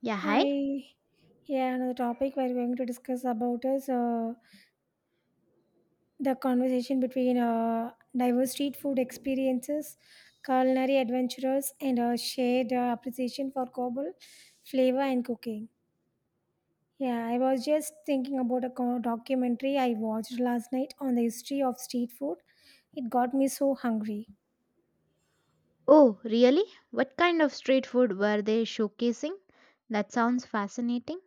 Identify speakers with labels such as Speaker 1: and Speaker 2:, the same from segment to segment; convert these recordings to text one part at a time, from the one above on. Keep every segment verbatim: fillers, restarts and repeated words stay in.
Speaker 1: Yeah, hi.
Speaker 2: Hi. Yeah, another topic we're going to discuss about is uh, the conversation between uh, diverse street food experiences, culinary adventurers, and a shared uh, appreciation for global flavor and cooking. Yeah, I was just thinking about a co- documentary I watched last night on the history of street food. It got me so hungry.
Speaker 1: Oh, really? What kind of street food were they showcasing? That sounds fascinating.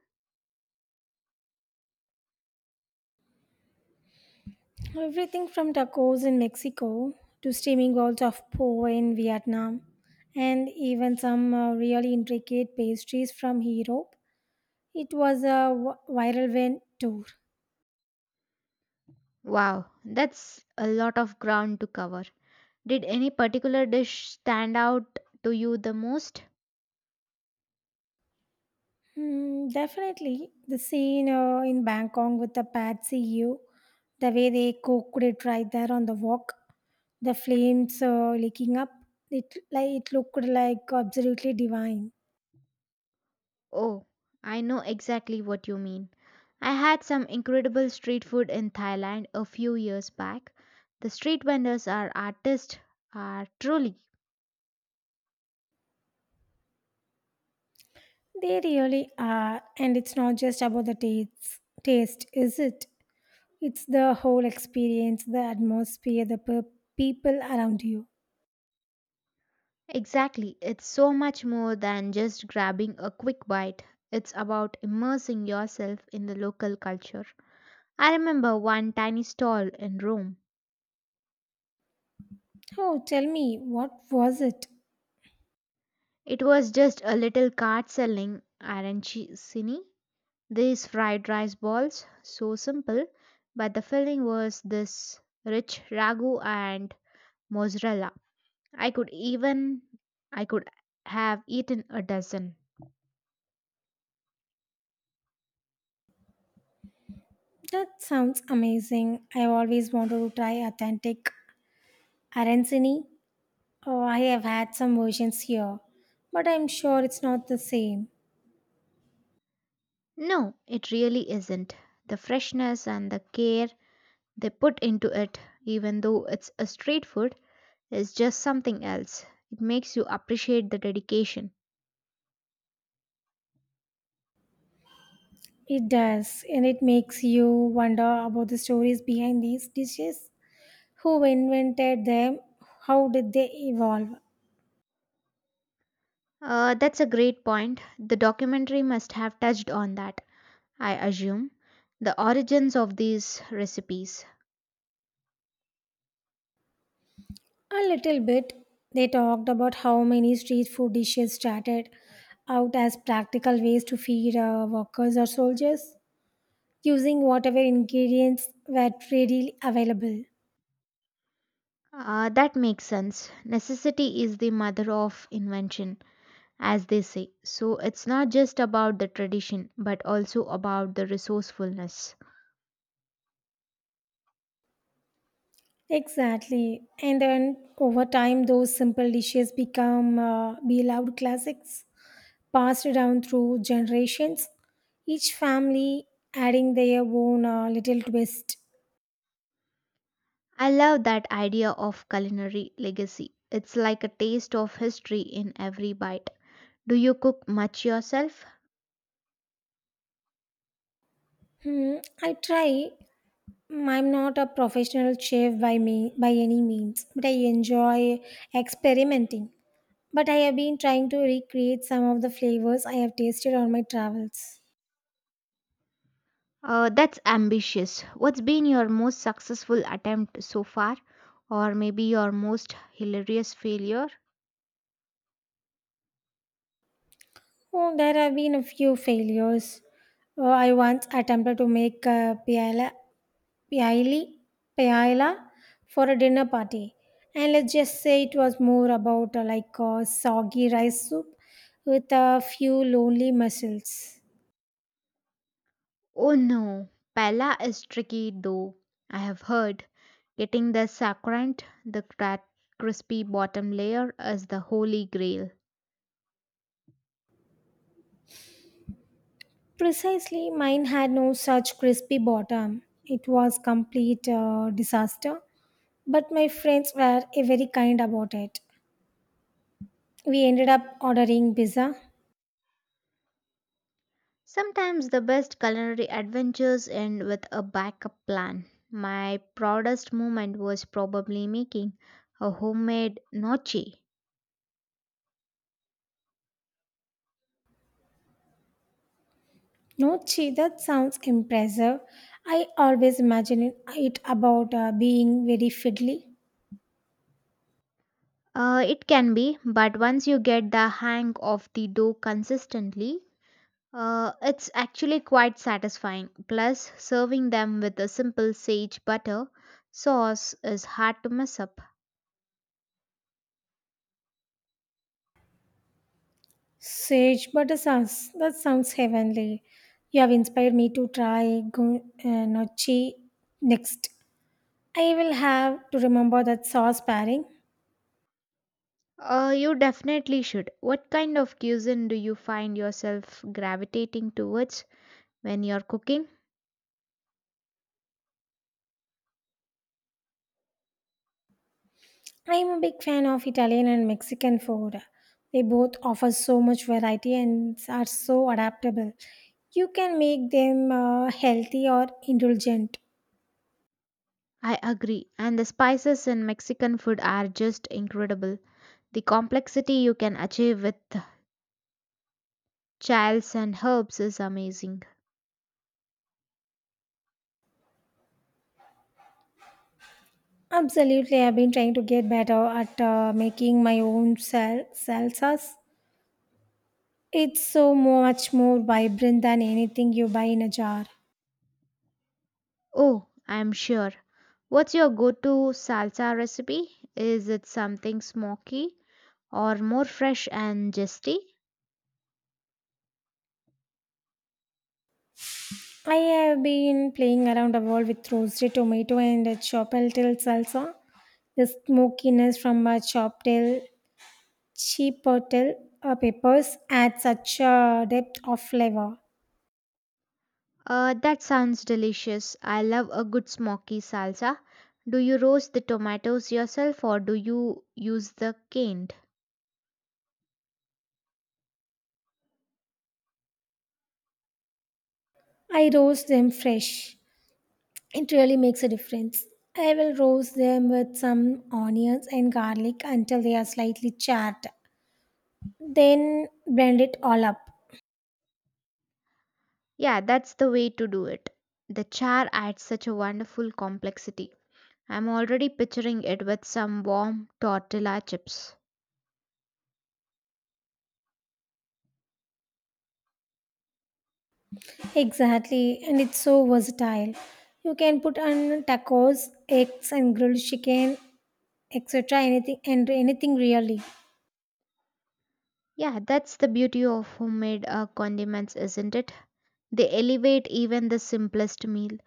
Speaker 2: Everything from tacos in Mexico to steaming balls of po in Vietnam and even some uh, really intricate pastries from Europe. It was a w- viral win tour.
Speaker 1: Wow, that's a lot of ground to cover. Did any particular dish stand out to you the most?
Speaker 2: Hmm, definitely the scene uh, in Bangkok with the Pad See Ew, the way they cooked it right there on the wok, the flames uh, licking up. It like it looked like absolutely divine.
Speaker 1: Oh, I know exactly what you mean. I had some incredible street food in Thailand a few years back. The street vendors are artists, are truly.
Speaker 2: They really are, and it's not just about the taste, taste, is it? It's the whole experience, the atmosphere, the pe- people around you.
Speaker 1: Exactly. It's so much more than just grabbing a quick bite. It's about immersing yourself in the local culture. I remember one tiny stall in Rome.
Speaker 2: Oh, tell me, what was it?
Speaker 1: It was just a little cart selling arancini, these fried rice balls, so simple, but the filling was this rich ragu and mozzarella. I could even I could have eaten a dozen.
Speaker 2: That sounds amazing. I've always wanted to try authentic arancini. Oh, I have had some versions here, but I'm sure it's not the same.
Speaker 1: No, it really isn't. The freshness and the care they put into it, even though it's a street food, is just something else. It makes you appreciate the dedication.
Speaker 2: It does, and it makes you wonder about the stories behind these dishes. Who invented them? How did they evolve?
Speaker 1: Uh, that's a great point. The documentary must have touched on that, I assume. The origins of these recipes.
Speaker 2: A little bit. They talked about how many street food dishes started out as practical ways to feed uh, workers or soldiers using whatever ingredients were readily available.
Speaker 1: Uh, that makes sense. Necessity is the mother of invention, as they say. So it's not just about the tradition, but also about the resourcefulness.
Speaker 2: Exactly. And then over time, those simple dishes become uh, beloved classics passed down through generations, each family adding their own uh, little twist.
Speaker 1: I love that idea of culinary legacy. It's like a taste of history in every bite. Do you cook much yourself?
Speaker 2: Hmm, I try. Mm, I'm not a professional chef by me by any means, but I enjoy experimenting. But I have been trying to recreate some of the flavors I have tasted on my travels.
Speaker 1: Uh, that's ambitious. What's been your most successful attempt so far? Or maybe your most hilarious failure?
Speaker 2: Oh, there have been a few failures. Oh, I once attempted to make a paella, paella, paella for a dinner party, and let's just say it was more about uh, like a soggy rice soup with a few lonely mussels.
Speaker 1: Oh no, paella is tricky though. I have heard getting the sacrant, the cra- crispy bottom layer, is the holy grail.
Speaker 2: Precisely, mine had no such crispy bottom. It was complete uh, disaster, but my friends were uh, very kind about it. We ended up ordering pizza.
Speaker 1: Sometimes the best culinary adventures end with a backup plan. My proudest moment was probably making a homemade nochi.
Speaker 2: No, gee, that sounds impressive. I always imagine it about uh, being very fiddly.
Speaker 1: Uh, it can be, but once you get the hang of the dough consistently, uh, it's actually quite satisfying. Plus, serving them with a simple sage butter sauce is hard to mess up.
Speaker 2: Sage butter sauce. That sounds heavenly. You have inspired me to try gu- uh, nochi next. I will have to remember that sauce pairing.
Speaker 1: Uh, you definitely should. What kind of cuisine do you find yourself gravitating towards when you're cooking?
Speaker 2: I am a big fan of Italian and Mexican food. They both offer so much variety and are so adaptable. You can make them uh, healthy or indulgent.
Speaker 1: I agree. And the spices in Mexican food are just incredible. The complexity you can achieve with chiles and herbs is amazing.
Speaker 2: Absolutely, I've been trying to get better at uh, making my own sal- salsas. It's so much more vibrant than anything you buy in a jar.
Speaker 1: Oh, I'm sure. What's your go to salsa recipe? Is it something smoky or more fresh and zesty?
Speaker 2: I have been playing around the world with roasted tomato and a chopeltil salsa. The smokiness from a choptail chipotle uh, peppers add such a depth of flavor.
Speaker 1: Uh, that sounds delicious. I love a good smoky salsa. Do you roast the tomatoes yourself or do you use the canned?
Speaker 2: I roast them fresh. It really makes a difference. I will roast them with some onions and garlic until they are slightly charred. Then blend it all up.
Speaker 1: Yeah, that's the way to do it. The char adds such a wonderful complexity. I'm already picturing it with some warm tortilla chips.
Speaker 2: Exactly, and it's so versatile. You can put on tacos, eggs, and grilled chicken, et cetera. Anything and anything really.
Speaker 1: Yeah, that's the beauty of homemade uh, condiments, isn't it? They elevate even the simplest meal.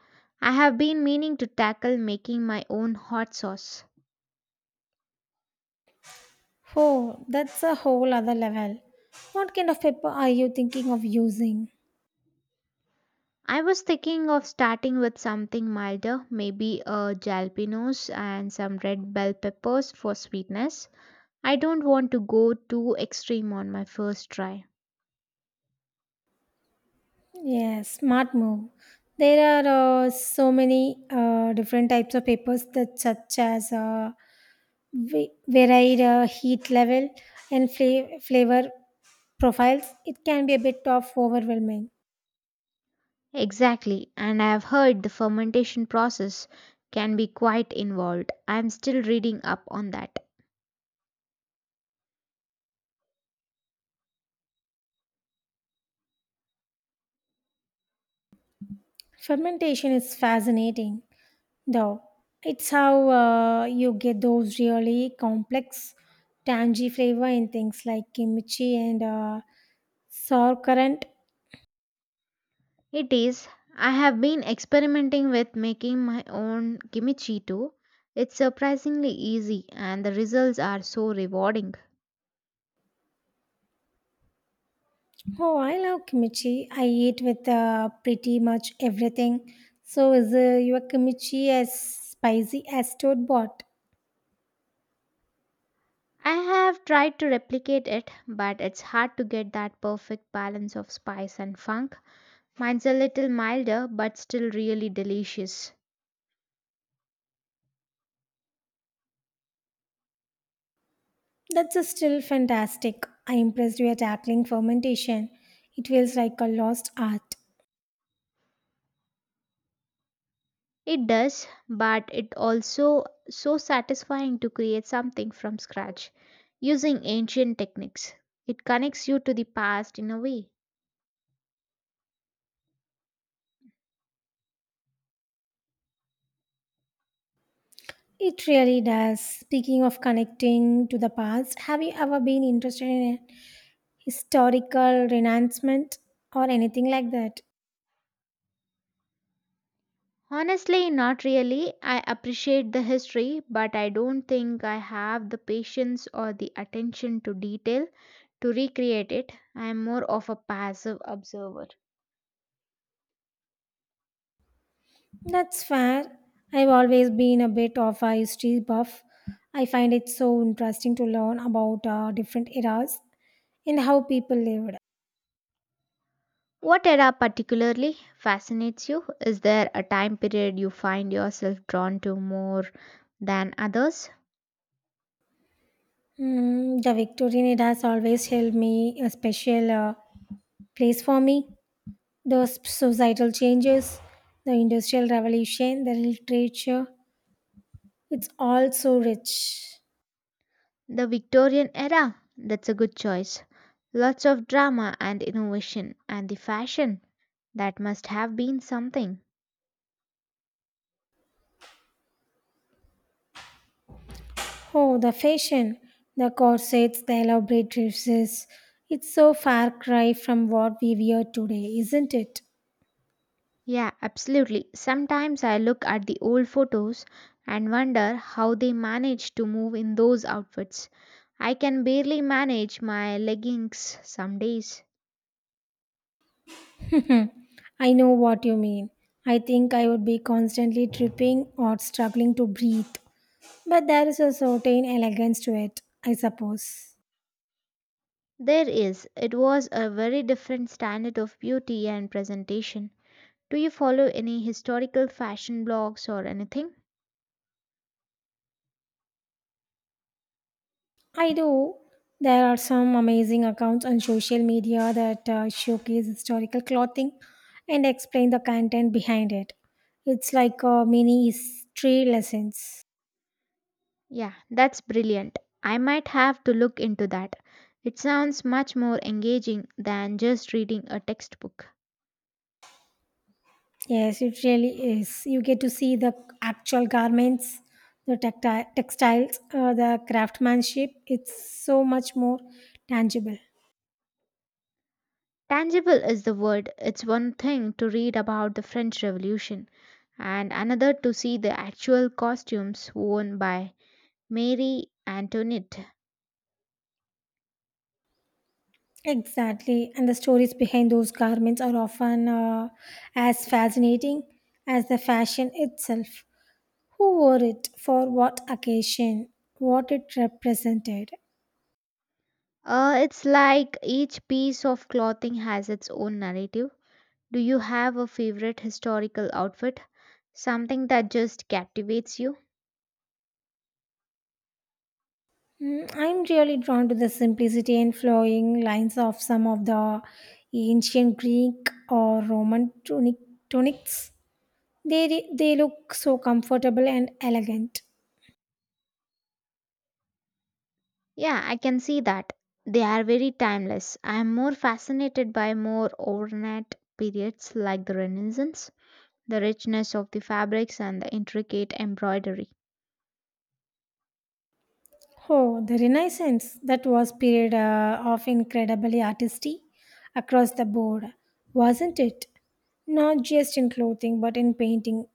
Speaker 1: I have been meaning to tackle making my own hot sauce.
Speaker 2: Oh, that's a whole other level. What kind of pepper are you thinking of using?
Speaker 1: I was thinking of starting with something milder, maybe a jalapenos and some red bell peppers for sweetness. I don't want to go too extreme on my first try.
Speaker 2: Yes, smart move. There are uh, so many uh, different types of papers that such as uh, va- varied uh, heat level and fla- flavor profiles. It can be a bit of overwhelming.
Speaker 1: Exactly, and I have heard the fermentation process can be quite involved. I am still reading up on that.
Speaker 2: Fermentation is fascinating, though. It's how uh, you get those really complex, tangy flavor in things like kimchi and uh, sour currant.
Speaker 1: It is. I have been experimenting with making my own kimchi too. It's surprisingly easy and the results are so rewarding.
Speaker 2: Oh, I love kimchi. I eat with uh, pretty much everything. So, is uh, your kimchi as spicy as store bought?
Speaker 1: I have tried to replicate it, but it's hard to get that perfect balance of spice and funk. Mine's a little milder, but still really delicious.
Speaker 2: That's uh, still fantastic. I'm impressed we are tackling fermentation. It feels like a lost art.
Speaker 1: It does, but it also so satisfying to create something from scratch using ancient techniques. It connects you to the past in a way.
Speaker 2: It really does. Speaking of connecting to the past, have you ever been interested in historical renouncement or anything like that?
Speaker 1: Honestly, not really. I appreciate the history, but I don't think I have the patience or the attention to detail to recreate it. I am more of a passive observer.
Speaker 2: That's fair. I've always been a bit of a history buff. I find it so interesting to learn about uh, different eras and how people lived.
Speaker 1: What era particularly fascinates you? Is there a time period you find yourself drawn to more than others?
Speaker 2: Mm, the Victorian era has always held me a special uh, place for me. Those societal changes, the Industrial Revolution, the literature, it's all so rich.
Speaker 1: The Victorian era? That's a good choice. Lots of drama and innovation, and the fashion. That must have been something.
Speaker 2: Oh, the fashion, the corsets, the elaborate dresses. It's so far cry from what we wear today, isn't it?
Speaker 1: Yeah, absolutely. Sometimes I look at the old photos and wonder how they managed to move in those outfits. I can barely manage my leggings some days.
Speaker 2: Hmm. I know what you mean. I think I would be constantly tripping or struggling to breathe. But there is a certain elegance to it, I suppose.
Speaker 1: There is, it was a very different standard of beauty and presentation. Do you follow any historical fashion blogs or anything?
Speaker 2: I do. There are some amazing accounts on social media that uh, showcase historical clothing and explain the content behind it. It's like a mini history lessons.
Speaker 1: Yeah, that's brilliant. I might have to look into that. It sounds much more engaging than just reading a textbook.
Speaker 2: Yes, it really is. You get to see the actual garments, the tacti- textiles, uh, the craftsmanship. It's so much more tangible.
Speaker 1: Tangible is the word. It's one thing to read about the French Revolution, and another to see the actual costumes worn by Marie Antoinette.
Speaker 2: Exactly. And the stories behind those garments are often uh, as fascinating as the fashion itself. Who wore it? For what occasion? What it represented?
Speaker 1: Uh, it's like each piece of clothing has its own narrative. Do you have a favorite historical outfit? Something that just captivates you?
Speaker 2: Mm, I'm really drawn to the simplicity and flowing lines of some of the ancient Greek or Roman tunic, tunics. They, re- they look so comfortable and elegant.
Speaker 1: Yeah, I can see that. They are very timeless. I am more fascinated by more overnight periods like the Renaissance, the richness of the fabrics and the intricate embroidery.
Speaker 2: Oh, the Renaissance, that was period uh, of incredibly artistry across the board, wasn't it? Not just in clothing, but in painting,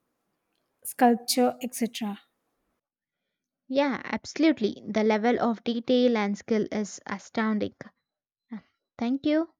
Speaker 2: sculpture, et cetera
Speaker 1: Yeah, absolutely. The level of detail and skill is astounding. Thank you.